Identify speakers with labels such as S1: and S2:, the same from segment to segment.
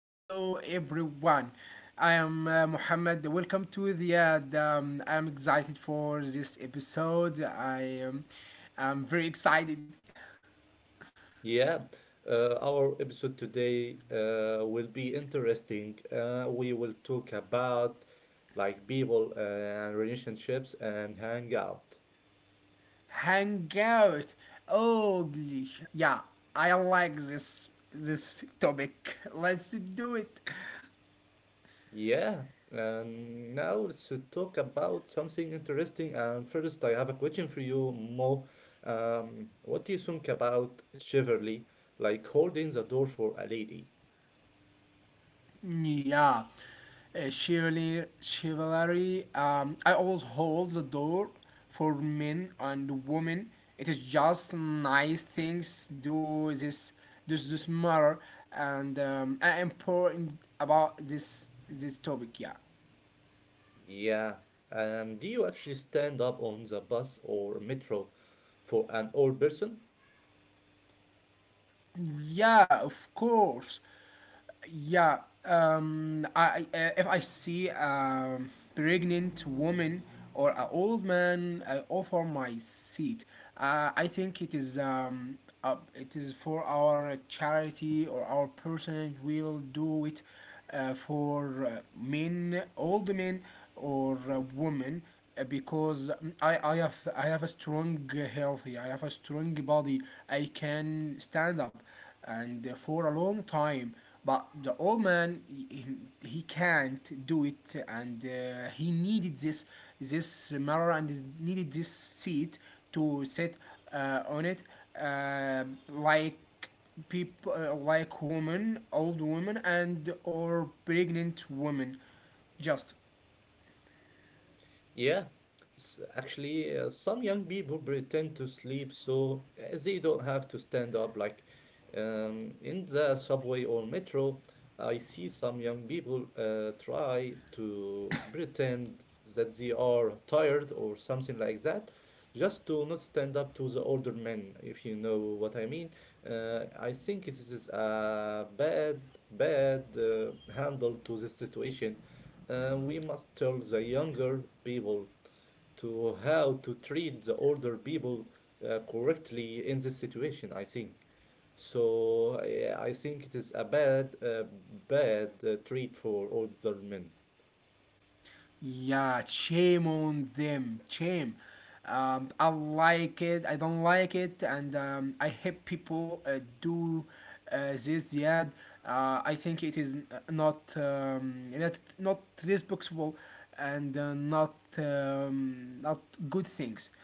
S1: Hello everyone. I am Muhammad. Welcome to the ad. I'm excited for this episode. Am I'm very excited.
S2: Yeah, our episode today will be interesting. We will talk about like people and relationships and hangout.
S1: Hang out. Oh yeah, I like this topic. Let's do it.
S2: Yeah, and now let's talk about something interesting. And first, I have a question for you, Mo. What do you think about chivalry, like holding the door for a lady?
S1: Yeah, chivalry, I always hold the door for men and women. It is just nice things do this matter and I am important about this topic. Yeah,
S2: Yeah. Do you actually stand up on the bus or metro for an old person?
S1: yeah, of course. Yeah, if I see a pregnant woman or an old man I offer my seat. I think it is for our charity or our person will do it for men old men or women because I have a strong healthy, I have a strong body. I can stand up and for a long time, but the old man, he can't do it, and he needed this mirror and he needed this seat to sit on it, uh, like people, like women, old women and or pregnant women, just.
S2: Yeah, actually, some young people pretend to sleep so they don't have to stand up. Like in the subway or metro, I see some young people try to pretend that they are tired or something like that, just to not stand up to the older men, if you know what I mean. I think this is a bad handle to this situation, and we must tell the younger people to how to treat the older people correctly in this situation, I think. So yeah, I think it is a bad treat for older men.
S1: Yeah, shame on them. Shame. I like it. I don't like it, and I hate people do this. Yeah, I think it is not responsible and not good things.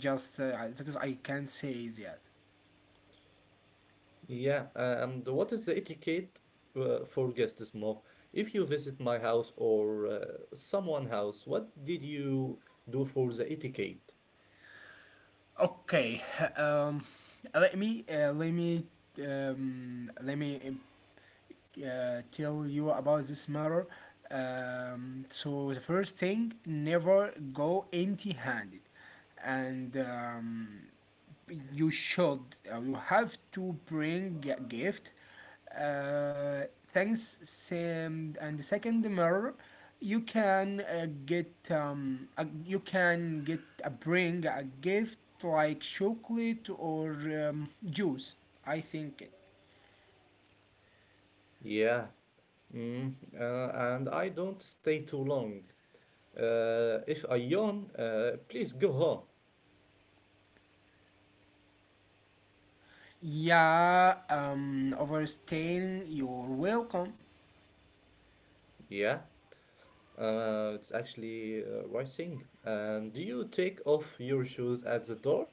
S1: Just that is I can say is that.
S2: Yeah, and what is the etiquette for guests, Mo? If you visit my house or someone house, what did you do for the etiquette?
S1: Okay. Um, let me uh, let me let me tell you about this matter. So the first thing, never go empty-handed, and you should you have to bring a gift. Uh, Thanks, Sam. And the second matter, you can get you can get a bring a gift like chocolate or juice. I think.
S2: Yeah, and I don't stay too long. If I yawn, please go home.
S1: Yeah, overstaying, you're welcome.
S2: Yeah, it's actually rising. And do you take off your shoes at the door?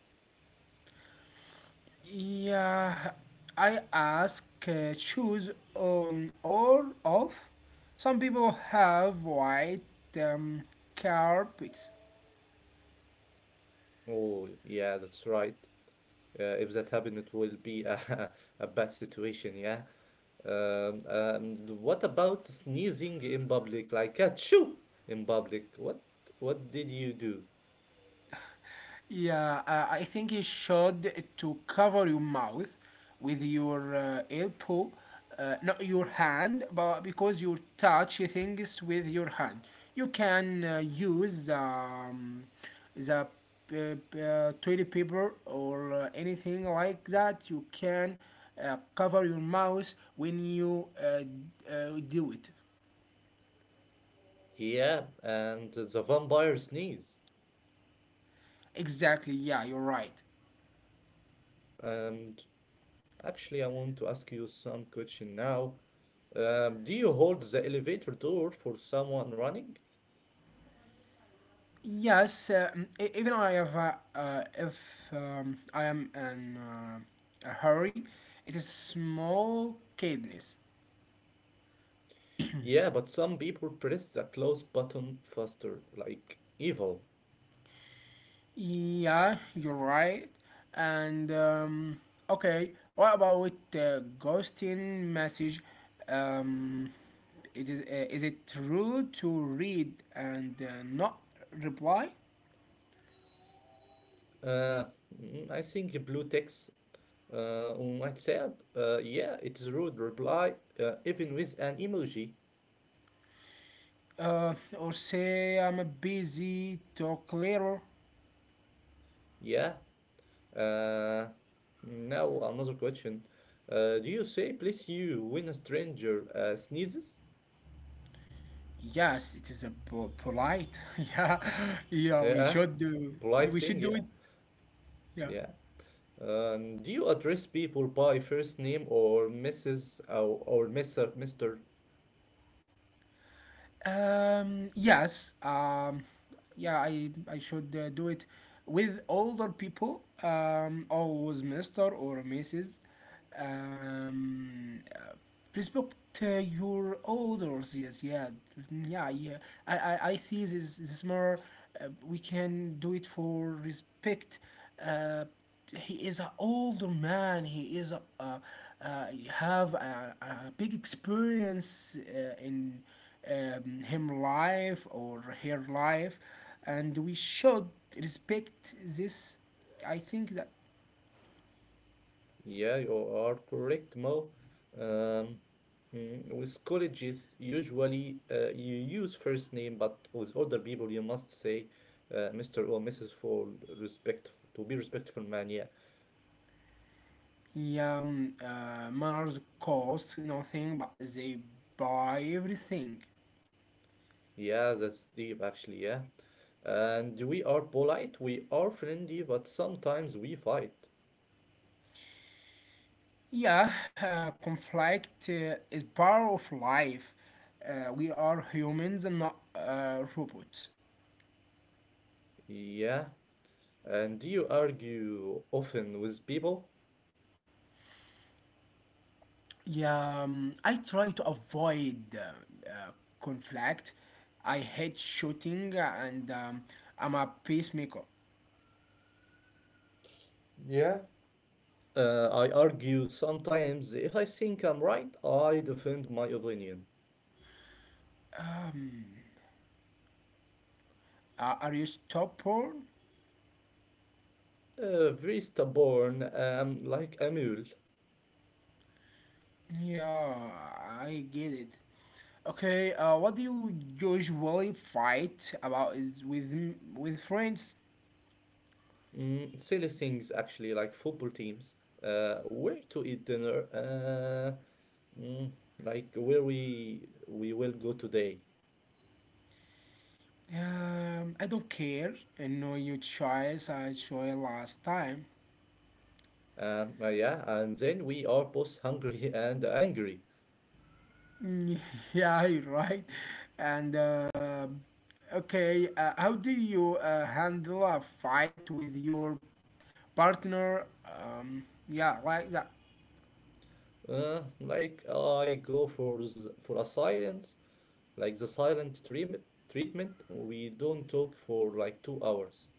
S1: Yeah, I ask choose on or off. Some people have white um, carpets.
S2: Oh, yeah, that's right. If that happens, it will be a, a bad situation, yeah. And what about sneezing in public, like achoo in public? What did you do?
S1: Yeah, I think you should to cover your mouth with your elbow, not your hand, but because you touch things with your hand. You can use the toilet paper or anything like that. You can cover your mouth when you do it.
S2: Yeah, and the vampire sneeze.
S1: Exactly, yeah, you're right.
S2: And. Actually, I want to ask you some question now. Do you hold the elevator door for someone running?
S1: Yes, even I have if I am in a hurry, it is small kindness.
S2: Yeah, but some people press the close button faster, like evil.
S1: Yeah, you're right. And okay, what about the ghosting message? Um, it is it true to read and not reply,
S2: Uh, I think blue text on WhatsApp. Yeah, it's rude reply, even with an emoji.
S1: uh, or say I'm busy to clearer?
S2: Yeah. Uh, Now another question. Do you say please you when a stranger sneezes?
S1: Yes, it is a polite. Yeah, yeah. We
S2: Yeah,
S1: should do.
S2: polite
S1: We
S2: thing.
S1: should do
S2: Yeah,
S1: it. Yeah.
S2: yeah. Do you address people by first name or Mrs. or Mr.?
S1: Yes. Yeah. I. I should do it with older people. Always Mister or Mrs. Um. Respect your elders. Yes. Yeah. Mm, yeah. Yeah. I see this. This more. We can do it for respect. Uh. He is an older man, he is a uh, have a big experience in him life or her life, and we should respect this, I think that.
S2: Yeah, you are correct, Mo. Um, with colleges, usually you use first name, but with older people, you must say Mr. or Mrs. for respect, to be respectful, man. Yeah,
S1: Manners cost nothing but they buy everything.
S2: yeah, that's deep, actually. Yeah, and we are polite, we are friendly, but sometimes we fight.
S1: Yeah, conflict is part of life. We are humans and not robots.
S2: Yeah, and do you argue often with people?
S1: Yeah, I try to avoid conflict. I hate shooting and I'm a peacemaker.
S2: Yeah, I argue sometimes if I think I'm right, I defend my opinion.
S1: Are you stopper?
S2: Very stubborn, like a mule.
S1: Yeah, I get it. Okay, what do you usually fight about is with with friends?
S2: Mm, silly things actually, like football teams, where to eat dinner, mm, like where we will go today.
S1: I don't care. I know your choice. I saw it last time.
S2: Yeah, and then we are both hungry and angry.
S1: Mm, yeah, you're right. And okay, how do you handle a fight with your partner? Yeah, like that.
S2: Like I go for for a silence, like the silent treatment, we don't talk for like 2 hours.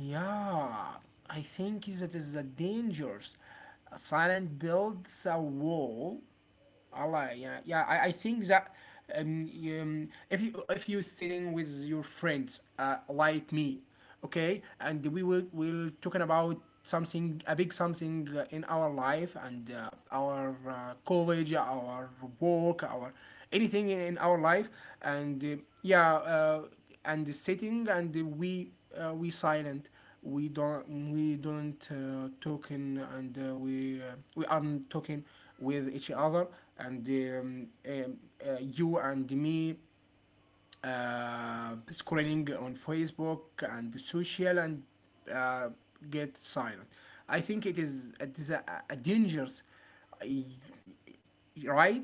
S1: Yeah, I think that is a dangerous. Silent builds a wall. Allah, yeah, yeah. I think that, if you if you're sitting with your friends like me, okay, and we will talking about something, a big something in our life and our college, our work, our anything in our life, and yeah. And sitting and we we silent, we don't talking and we aren't talking with each other, and you and me scrolling on Facebook and social and uh, get silent. I think it is a dangerous, uh, right?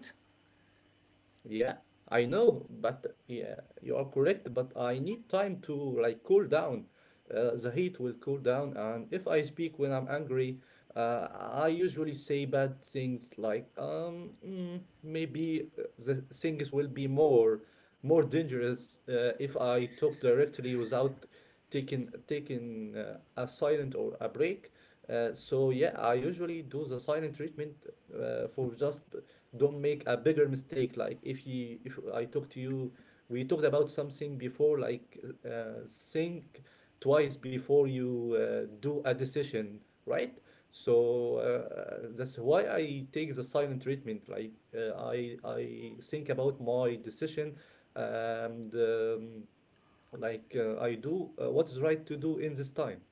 S2: Yeah, I know, but yeah, you are correct, but I need time to like cool down. The heat will cool down, and if I speak when I'm angry, Uh, I usually say bad things like, "Mm, maybe the things will be more dangerous if I talk directly without taking a silent or a break." So yeah, I usually do the silent treatment for just don't make a bigger mistake. Like if you if I talk to you, we talked about something before, like think twice before you do a decision, right? So that's why I take the silent treatment. Like I think about my decision, and like I do what is right to do in this time.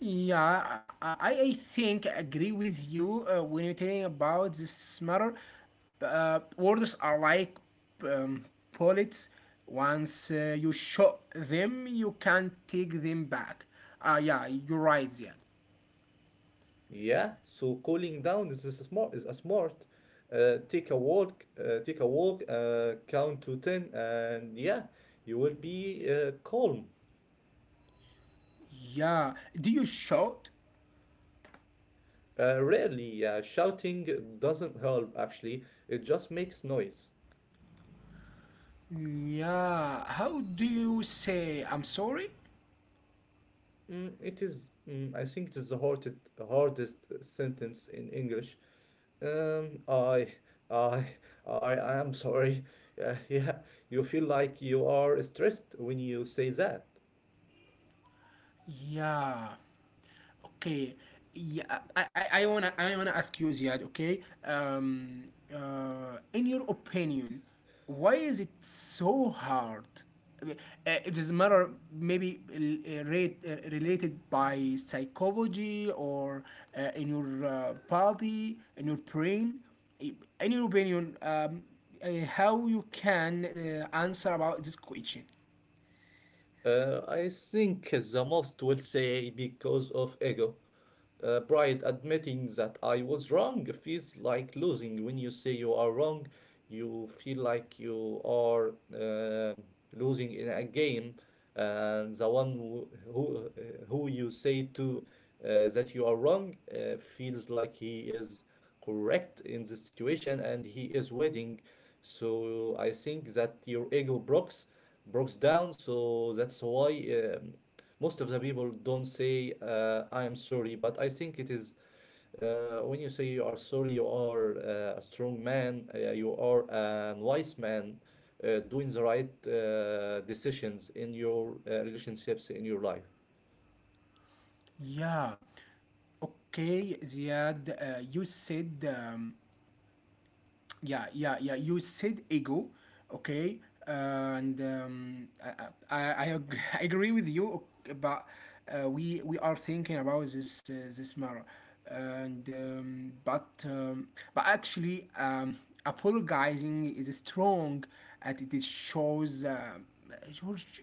S1: Yeah, I I think I agree with you when you're talking about this matter. Words are like um, bullets. Once you shot them, you can't take them back. Yeah, you're right, yeah.
S2: Yeah, so cooling down is a smart. Take a walk, take a walk, count to ten, and yeah, you will be calm.
S1: Yeah, do you shout?
S2: Rarely, shouting doesn't help actually, it just makes noise.
S1: Yeah, how do you say I'm sorry?
S2: It is, I think it is the hardest sentence in English. Um, I, I, I am sorry. Yeah, you feel like you are stressed when you say that.
S1: Yeah. Okay. Yeah, I wanna ask you Ziad, okay? Um, in your opinion, why is it so hard? Uh, It doesn't matter, maybe related by psychology or in your body, in your brain. I- In your opinion, how you can answer about this question?
S2: I think the most will say because of ego. Pride admitting that I was wrong feels like losing. When you say you are wrong, you feel like you are losing in a game, and the one who you say to that you are wrong feels like he is correct in this situation and he is winning. So I think that your ego breaks down. So that's why most of the people don't say I am sorry, but I think it is when you say you are sorry, you are a strong man, you are a wise man doing the right decisions in your relationships in your life.
S1: Yeah. Okay, Ziad, you said um, yeah. You said ego, okay, and I agree with you, but we are thinking about this matter, and but actually, apologizing is strong, and it is shows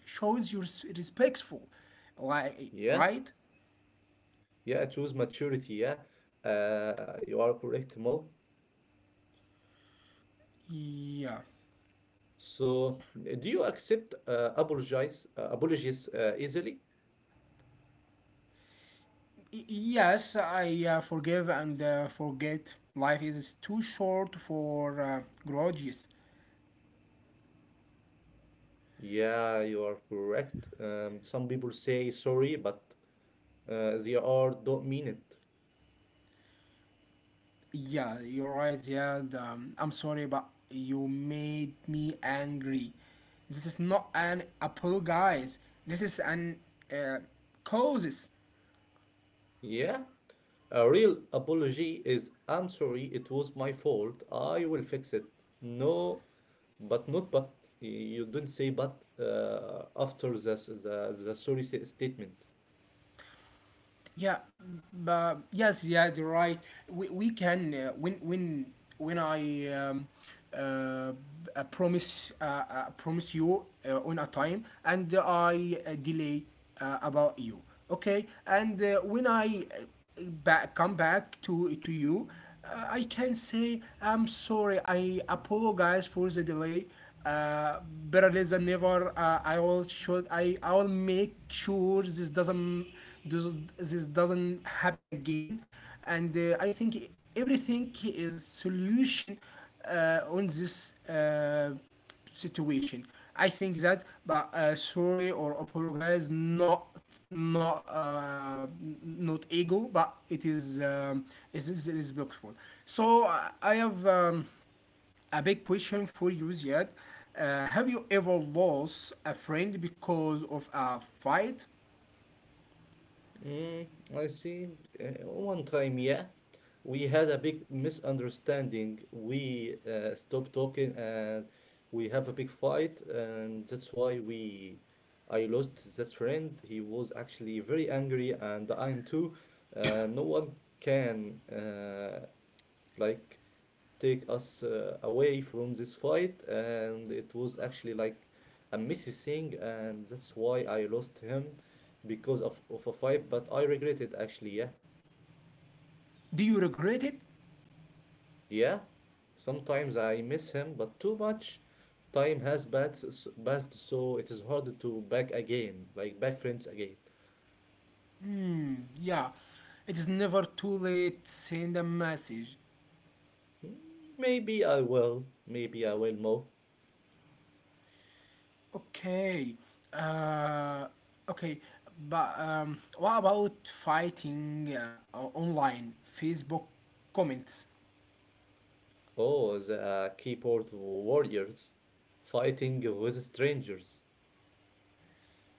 S1: shows you're respectful, like
S2: Yeah,
S1: right?
S2: yeah, choose maturity. Yeah, you are correct, Mo.
S1: Yeah.
S2: So do you accept apologize apologies easily?
S1: Yes, I forgive and forget. Life is too short for grudges.
S2: Yeah, you are correct. Some people say sorry, but they are don't mean it.
S1: Yeah, you're right, Ziad. I'm sorry, but you made me angry. This is not an apologize. This is an uh, causes.
S2: Yeah, a real apology is I'm sorry, it was my fault. I will fix it. No, but not but. You don't say but after the, the sorry statement.
S1: Yeah, but yes, yeah, you're right. We can when when I promise you on a time and I delay about you, okay? And when I back come back to you, I can say I'm sorry. I apologize for the delay, uh, better late than never. I will make sure this doesn't, this doesn't happen again, and I think everything is solution on this situation. I think that, but sorry or apologize, not not uh, not ego, but it is respectful. So I have. A big question for you, Ziad. Have you ever lost a friend because of a fight?
S2: Mm, I see. One time, yeah, we had a big misunderstanding. We stopped talking and we have a big fight, and that's why we I lost that friend. He was actually very angry, and I am too. No one can like take us away from this fight, and it was actually like a messy thing, and that's why I lost him because of a fight, but I regret it actually. Yeah,
S1: Do you regret it?
S2: yeah, sometimes I miss him, but too much time has passed, so it is hard to back again, like back friends again.
S1: Yeah, it is never too late. Send a message.
S2: Mm, Maybe I will more.
S1: Okay. Uh, okay. But what about fighting online? Facebook comments.
S2: Oh, the keyboard warriors fighting with strangers.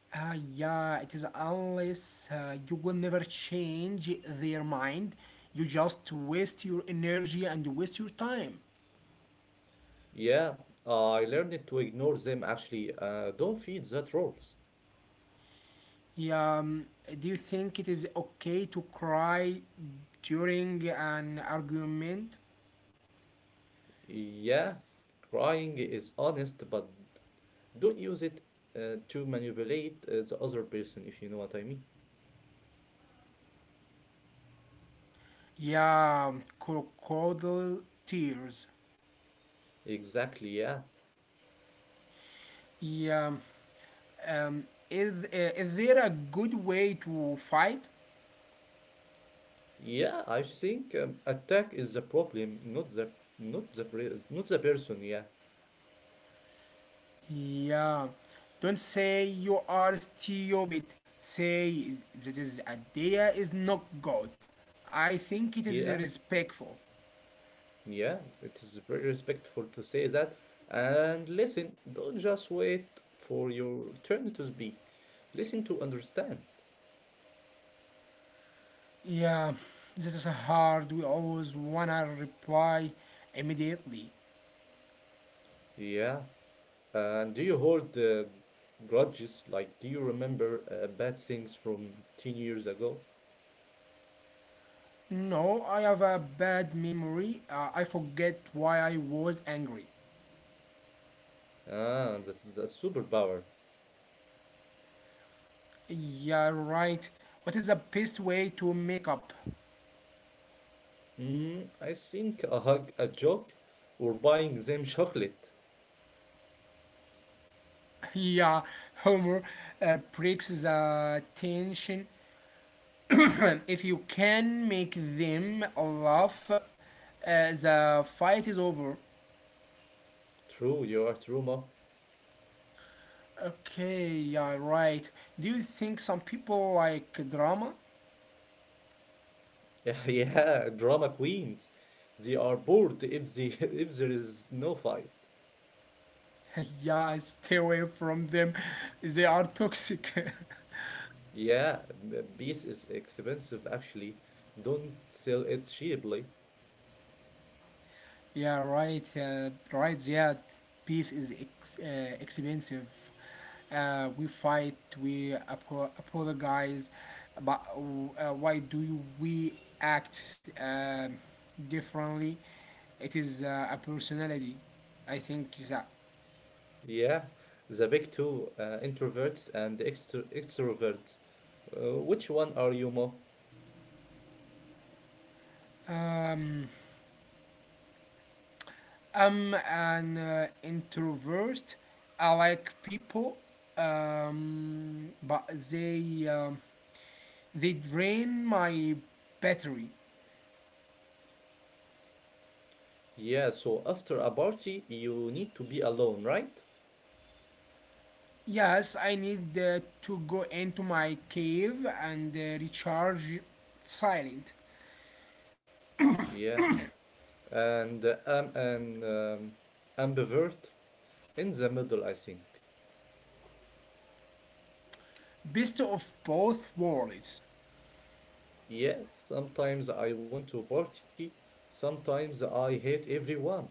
S1: Yeah, it is unless you will never change their mind. You just waste your energy and waste your time.
S2: Yeah, I learned to ignore them actually. Don't feed that roles.
S1: Yeah, do you think it is okay to cry during an argument?
S2: Yeah, crying is honest, but don't use it to manipulate the other person, if you know what I mean.
S1: Yeah, crocodile tears.
S2: Exactly, yeah.
S1: Yeah, um, is there a good way to fight?
S2: Yeah, I think attack is the problem, not the not the person, yeah.
S1: Yeah, don't say you are stupid. Say this idea is not good. I think it is
S2: Yeah,
S1: respectful.
S2: yeah, it is very respectful to say that. And listen, don't just wait for your turn to speak. Listen to understand.
S1: Yeah, this is hard. We always wanna reply immediately.
S2: Yeah. And do you hold grudges? Like, do you remember bad things from 10 years ago?
S1: No, I have a bad memory. I forget why I was angry.
S2: Ah, that's a superpower.
S1: Yeah, right. What is the best way to make up?
S2: Mm, I think a hug, a joke, or buying them chocolate.
S1: Yeah, Homer breaks the tension. If you can make them laugh, the fight is over.
S2: True, you are true, ma.
S1: Okay, yeah, right. Do you think some people like drama?
S2: Yeah, yeah, drama queens. They are bored if they if there is no fight.
S1: Yeah, stay away from them. They are toxic.
S2: Yeah, peace is expensive actually. Don't sell it cheaply.
S1: Yeah, right. Right. Yeah, peace is expensive. We fight. We apologize. But why do we act differently? It is a personality. I think that.
S2: Yeah, the big two, introverts and extroverts. Which one are you more?
S1: Um, I'm an introvert. I like people, but they um they drain my battery.
S2: Yeah, so after a party, you need to be alone, right?
S1: Yes, I need to go into my cave and recharge silent.
S2: Yeah, and Ambivert in the middle, I think.
S1: Best of both worlds.
S2: Yeah, sometimes I want to party, sometimes I hate everyone.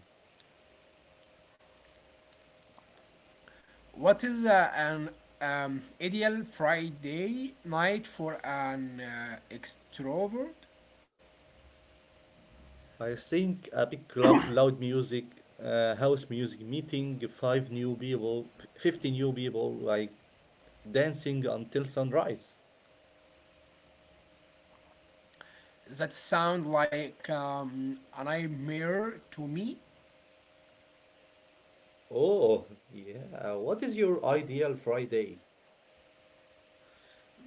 S1: What is an ideal Friday night for an extrovert?
S2: I think a big club, loud music, house music, meeting five new people, 50 new people, like dancing until sunrise.
S1: That sound like a nightmare to me.
S2: Oh, yeah. What is your ideal Friday?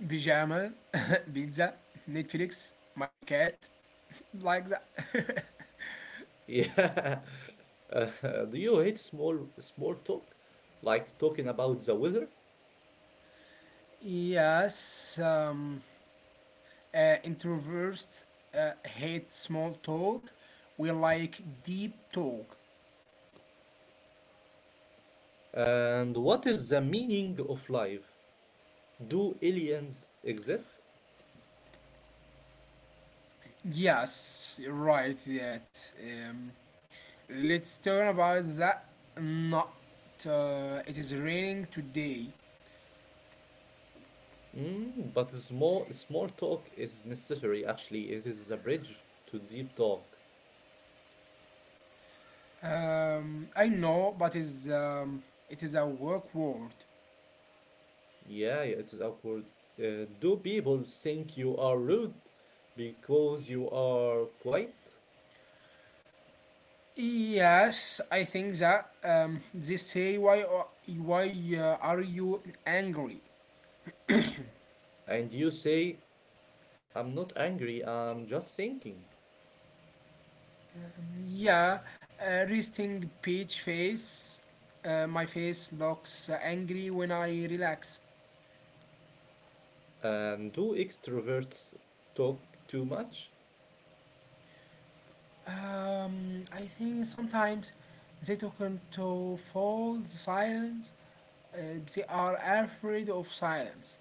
S1: Pajama, pizza, Netflix, my cat, like that.
S2: Yeah. Do you hate small talk, like talking about the weather?
S1: Yes, uh, introverts hate small talk. We like deep talk.
S2: And what is the meaning of life? Do aliens exist?
S1: Yes, right. That let's talk about that. Not, it is raining today.
S2: Mm, but small talk is necessary. Actually, it is a bridge to deep talk.
S1: I know, but is it is a work word.
S2: Yeah, yeah, it is awkward. Do people think you are rude because you are quiet?
S1: Yes, I think that they say why are you angry?
S2: And you say, I'm not angry, I'm just thinking.
S1: Yeah, resting peach face. My face looks angry when I relax.
S2: Do extroverts talk too much?
S1: I think sometimes they took into full silence. They are afraid of silence.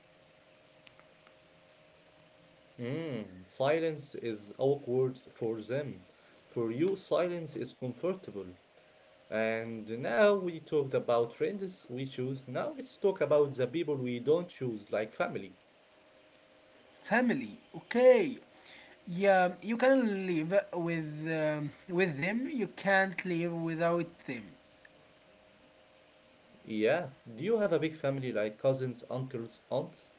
S2: Hmm. Silence is awkward for them. For you, silence is comfortable. And now we talked about friends we choose. Now let's talk about the people we don't choose, like family.
S1: Family, okay. Yeah, you can live with them, you can't live without them.
S2: Yeah. Do you have a big family like cousins, uncles, aunts?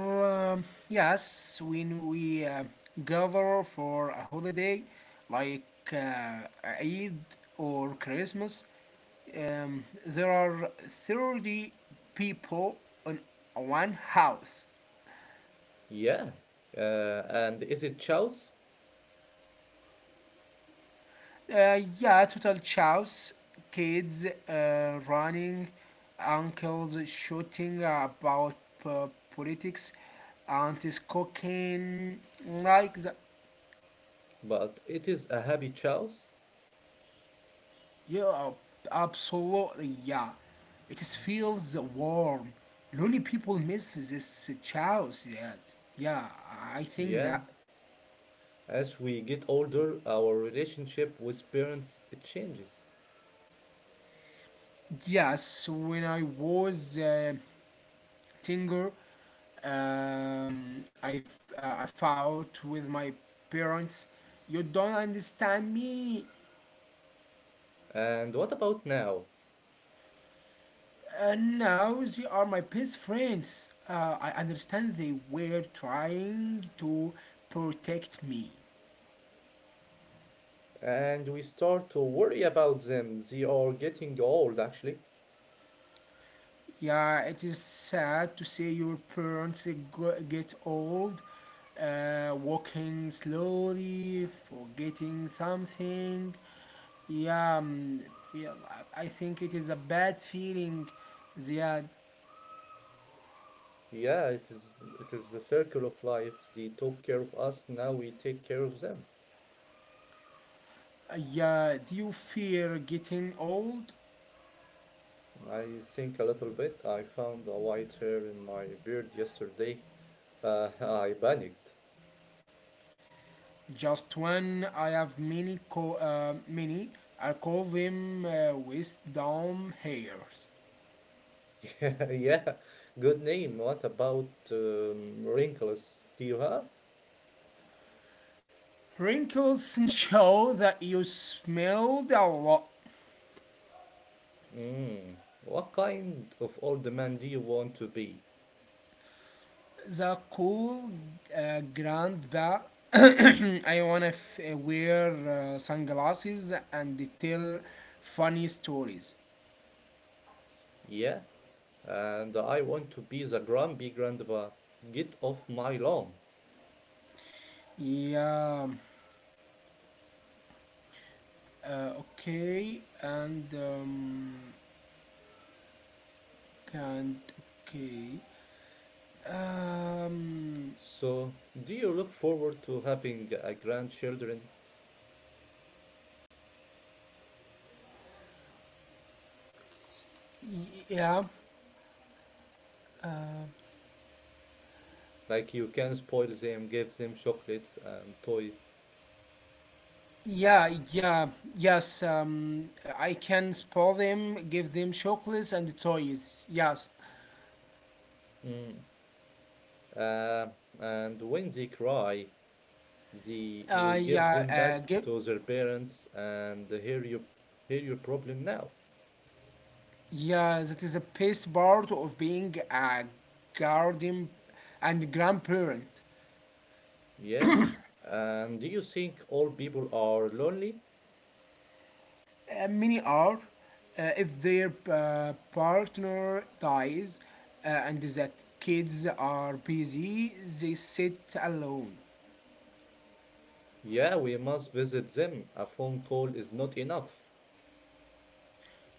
S1: Um, yes, when we gather for a holiday like uh, eid or christmas, there are 30 people in one house.
S2: Yeah. And is it chows?
S1: Yeah, total chaos. Kids running, uncles shooting about uh, politics, aunties cooking like that.
S2: But it is a happy chows?
S1: Yeah, absolutely. Yeah, it is feels warm. Lonely people miss this chaos. Yet, yeah, I think
S2: Yeah.
S1: that.
S2: As we get older, our relationship with parents it changes.
S1: Yes, when I was Tinger. I fought with my parents. You don't understand me.
S2: And what about now?
S1: Now they are my best friends. I understand they were trying to protect me.
S2: And we start to worry about them. They are getting old, actually.
S1: Yeah, it is sad to see your parents get old, walking slowly, forgetting something. Yeah, yeah, I think it is a bad feeling. Ziad.
S2: Yeah, it is the circle of life. They took care of us, now we take care of them.
S1: Yeah, do you fear getting old?
S2: I think a little bit. I found a white hair in my beard yesterday. I panicked.
S1: Just when I have many, many, I call them wisdom hairs.
S2: Yeah, yeah. Good name. What about wrinkles? Do you have?
S1: Wrinkles show that you smelled a lot.
S2: Mm. What kind of old man do you want to be?
S1: The cool grand. I wanna wear sunglasses and tell funny stories.
S2: Yeah, and I want to be the grumpy grandpa. Get off my lawn.
S1: Yeah. Uh, okay. And okay. Um.
S2: So, do you look forward to having a grandchildren?
S1: Yeah.
S2: Like you can spoil them, give them chocolates and toys.
S1: Yeah, yeah, yes. I can spoil them, give them chocolates and toys. Yes.
S2: Mm. Uh, and when they cry, the you give
S1: Yeah.
S2: them back
S1: Give.
S2: to their parents and hear your problem now.
S1: Yeah, that is a best part of being a guardian and grandparent.
S2: Yeah. And do you think all people are lonely?
S1: Many are, if their partner dies, and the kids are busy, they sit alone.
S2: Yeah, we must visit them. A phone call is not enough.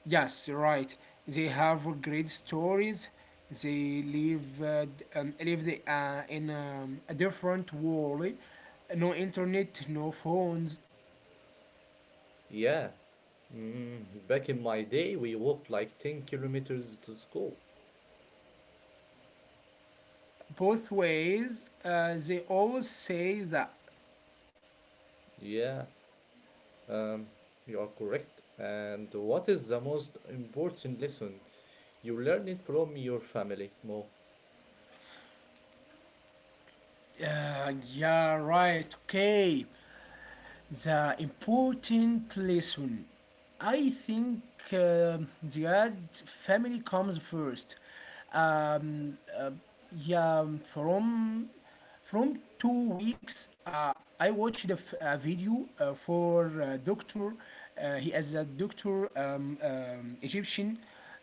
S1: Yes, right. They have great stories. They live in a different world. No internet, no phones.
S2: Yeah. Mm, back in my day, we walked like 10 kilometers to school.
S1: Both ways, they always say that.
S2: Yeah, um, you are correct. And what is the most important lesson you learned from your family, Mo?
S1: Yeah, right, okay, the important lesson. I think the ad family comes first. Um, uh, yeah, from 2 weeks, I watched a video, for doctor. He is a doctor, Egyptian. uh,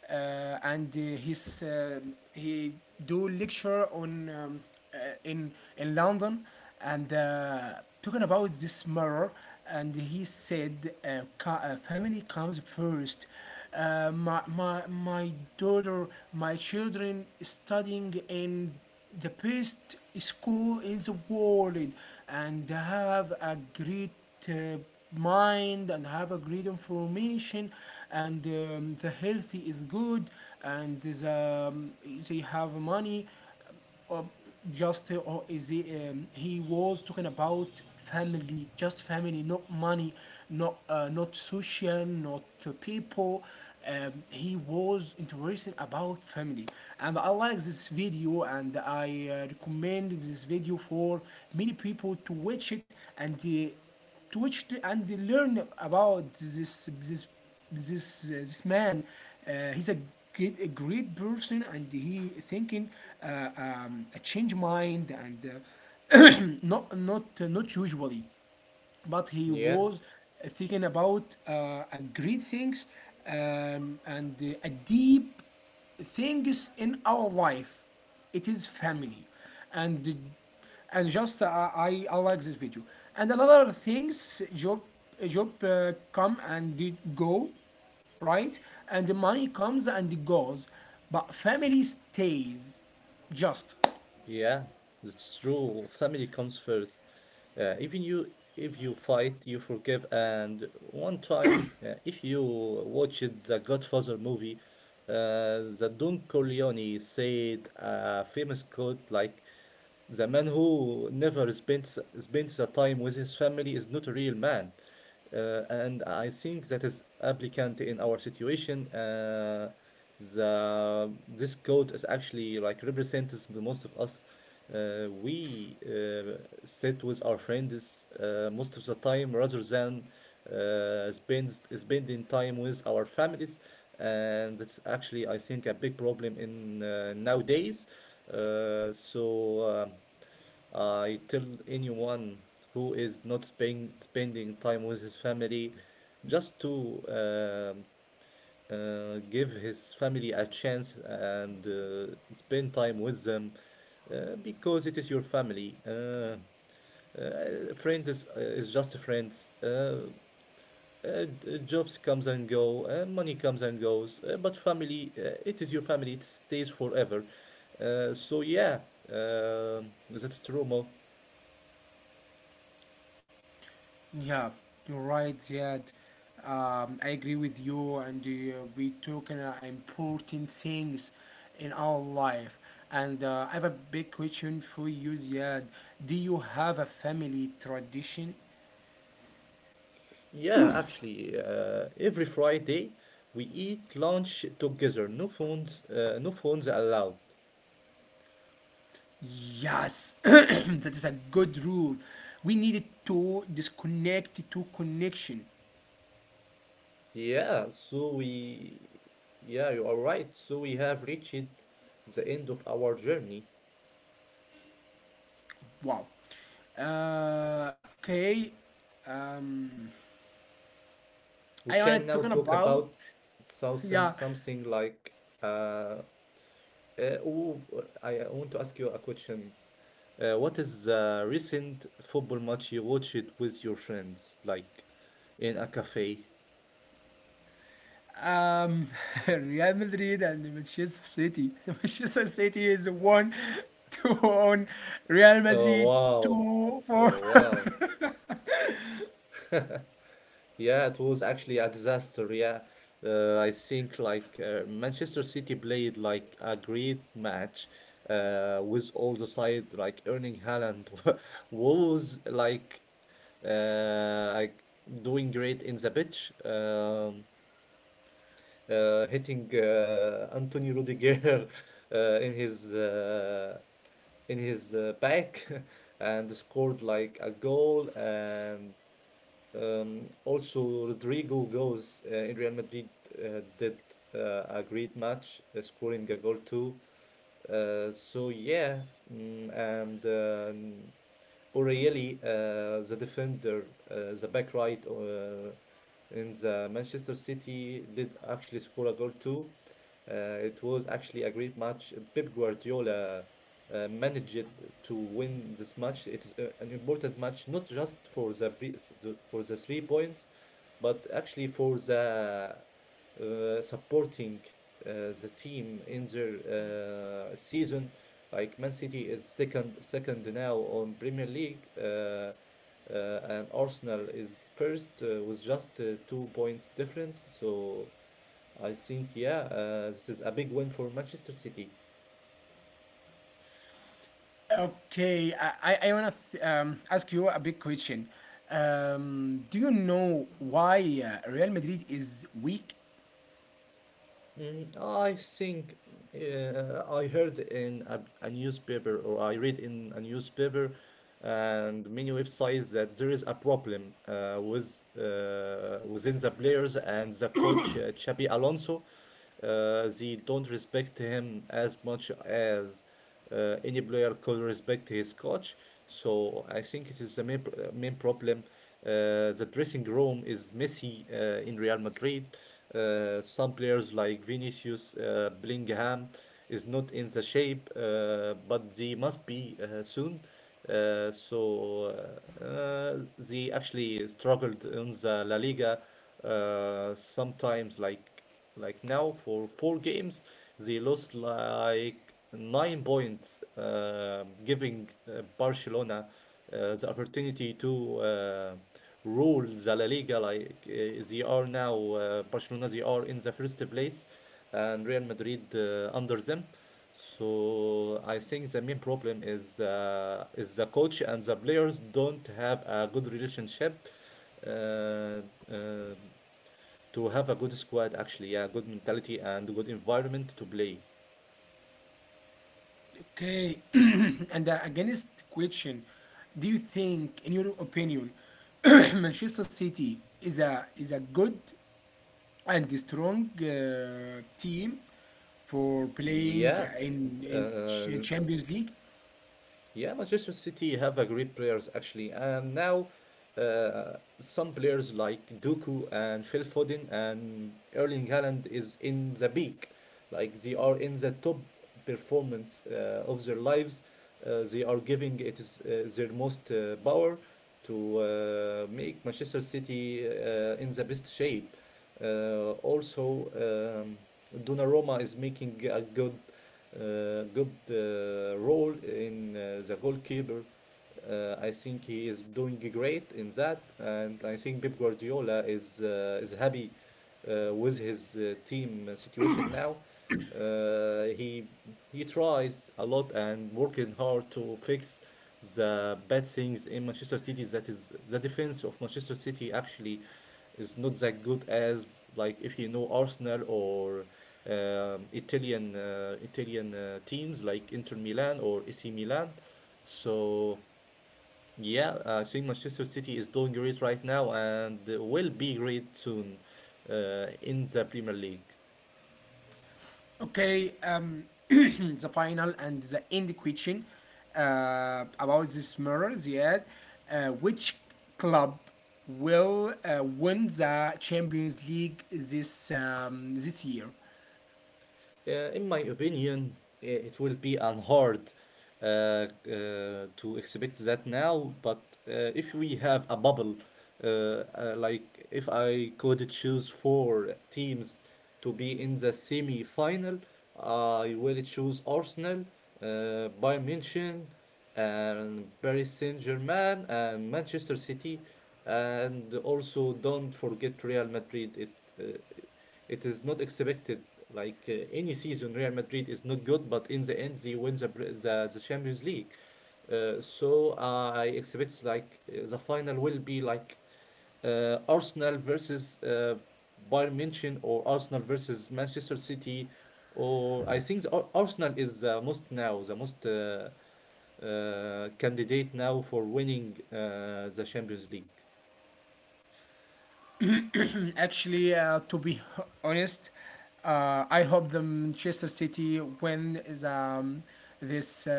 S1: and uh, he do lecture on, uh, in London, and talking about this murder. And he said, family comes first. My daughter, my children studying in the best school in the world, and have a great uh, mind, and have a great information, and the healthy is good, and um, they have money, uh, just, or is he, he was talking about family, just family, not money, not social, not people. He was interested about family, and I like this video, and I recommend this video for many people to watch it, and to which they, and they learn about this this man. He's a great person, and he thinking a change mind, and not usually, but he
S2: Yeah.
S1: was thinking about a great things, and a deep things in our life. It is family, and and just, I like this video. And another things, job come and it go, right? And the money comes and it goes, but family stays just.
S2: Yeah, it's true. Family comes first. Even you, if you fight, you forgive. And one time, if you watched the Godfather movie, the Don Corleone said a famous quote like, the man who never spends the time with his family is not a real man. And I think that is applicant in our situation. The this code is actually like represents the most of us. We sit with our friends most of the time rather than spending time with our families, and that's actually I think a big problem in nowadays. So I tell anyone who is not spending time with his family just to give his family a chance and spend time with them because it is your family. Friend is just friends. Jobs comes and go, money comes and goes, but family, it is your family, it stays forever. So yeah, that's true, Mo.
S1: Yeah, you're right, Ziad. I agree with you, and we talking important things in our life. And I have a big question for you, Ziad. Do you have a family tradition?
S2: Yeah, actually, every Friday we eat lunch together. No phones, no phones allowed.
S1: Yes, that is a good rule. We needed to disconnect to connection.
S2: Yeah, so we, yeah, you are right. So we have reached the end of our journey.
S1: Wow. Okay. Um,
S2: We
S1: I wanna
S2: can now
S1: talking
S2: talk
S1: about.
S2: about
S1: Yeah.
S2: something like uh, Uh, oh, I want to ask you a question. What is the recent football match you watched with your friends, like in a cafe?
S1: Um, Real Madrid and Manchester City. Manchester City is one, to one. Real
S2: Oh,
S1: Madrid
S2: wow.
S1: 2-4.
S2: Oh, wow. Yeah, it was actually a disaster. Yeah, I think like Manchester City played like a great match with all the side like Erling Haaland was like uh, like doing great in the pitch. Hitting Anthony Rudiger uh, in his uh, in his back and scored like a goal and also, Rodrigo goes in Real Madrid did a great match, scoring a goal too. So yeah, and O'Reilly, the defender, the back right in the Manchester City did actually score a goal too. It was actually a great match. Pep Guardiola managed to win this match. It is an important match, not just for for the 3 points, but actually for the supporting the team in their season. Like Man City is second now on Premier League, and Arsenal is first with just 2 points difference. So I think yeah, this is a big win for Manchester City.
S1: Okay, I wanna ask you a big question. Do you know why Real Madrid is weak?
S2: Mm, I think I heard in a newspaper or I read in a newspaper and many websites that there is a problem with within the players and the coach Xabi Alonso. They don't respect him as much as any player could respect his coach. So I think it is the main problem. The dressing room is messy in Real Madrid. Some players like Vinicius, Bellingham is not in the shape, but they must be soon. So they actually struggled in the La Liga sometimes like now for 4 games they lost like 9 points giving Barcelona the opportunity to rule the La Liga like they are now Barcelona, they are in the first place and Real Madrid under them, so I think the main problem is the coach and the players don't have a good relationship uh, uh, to have a good squad actually, yeah, good mentality and good environment to play.
S1: Okay, and against question, do you think, in your opinion, Manchester City is a good and a strong team for playing
S2: Yeah,
S1: in,
S2: uh,
S1: in Champions League.
S2: Yeah, Manchester City have a great players actually, and now some players like Doku and Phil Foden and Erling Haaland is in the peak, like they are in the top performance of their lives. They are giving it is their most power to make Manchester City in the best shape. Also. Um, Donnarumma is making a good role in the goalkeeper. I think he is doing great in that, and I think Pep Guardiola is happy with his team situation now. Uh, he he tries a lot and working hard to fix the bad things in Manchester City is that is the defense of Manchester City actually is not that good as like if you know Arsenal or Italian teams like Inter Milan or AC Milan. So yeah, I think Manchester City is doing great right now and will be great soon in the Premier League.
S1: Okay, the final and the end question about this mirror, Ziad. Which club will win the Champions League this year?
S2: In my opinion, it will be unhard uh, to expect that now. But if we have a bubble, if I could choose four teams to be in the semi-final, I will choose Arsenal, Bayern Munich, and Paris Saint-Germain, and Manchester City, and also don't forget Real Madrid. Uh, it is not expected. Like any season, Real Madrid is not good, but in the end, they win the Champions League. So I expect like the final will be like Arsenal versus Bayern Munich or Arsenal versus Manchester City, or I think Arsenal is the most now the most candidate now for winning the Champions League.
S1: Mm. Actually, to be honest, I hope the Manchester City win is, this, uh,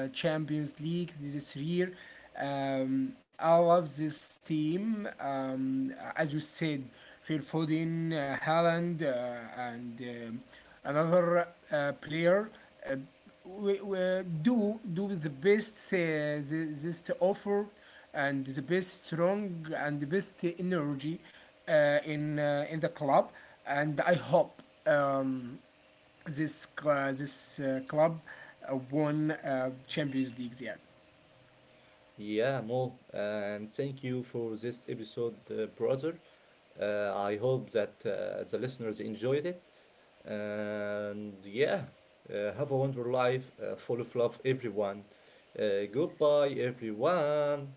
S1: uh, Champions League this year. I love this team. As you said, Phil Foden, Haaland, and another player. Uh, we do the best, this to offer, and the best strong and the best energy in in the club, and I hope um, this club won Champions League yet.
S2: Yeah, Mo, and thank you for this episode, brother. I hope that the listeners enjoyed it. And yeah, have a wonderful life, full of love, everyone. Goodbye, everyone.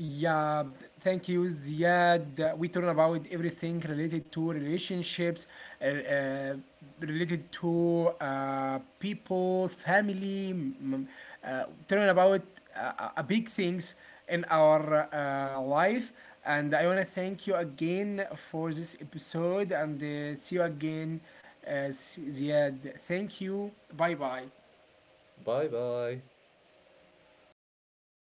S1: Yeah, thank you, Ziad. We talking about everything related to relationships, uh, uh, related to people, family, mm, talking about big things in our life. And I want to thank you again for this episode, and see you again, Ziad. Thank you. Bye bye.
S2: Bye bye.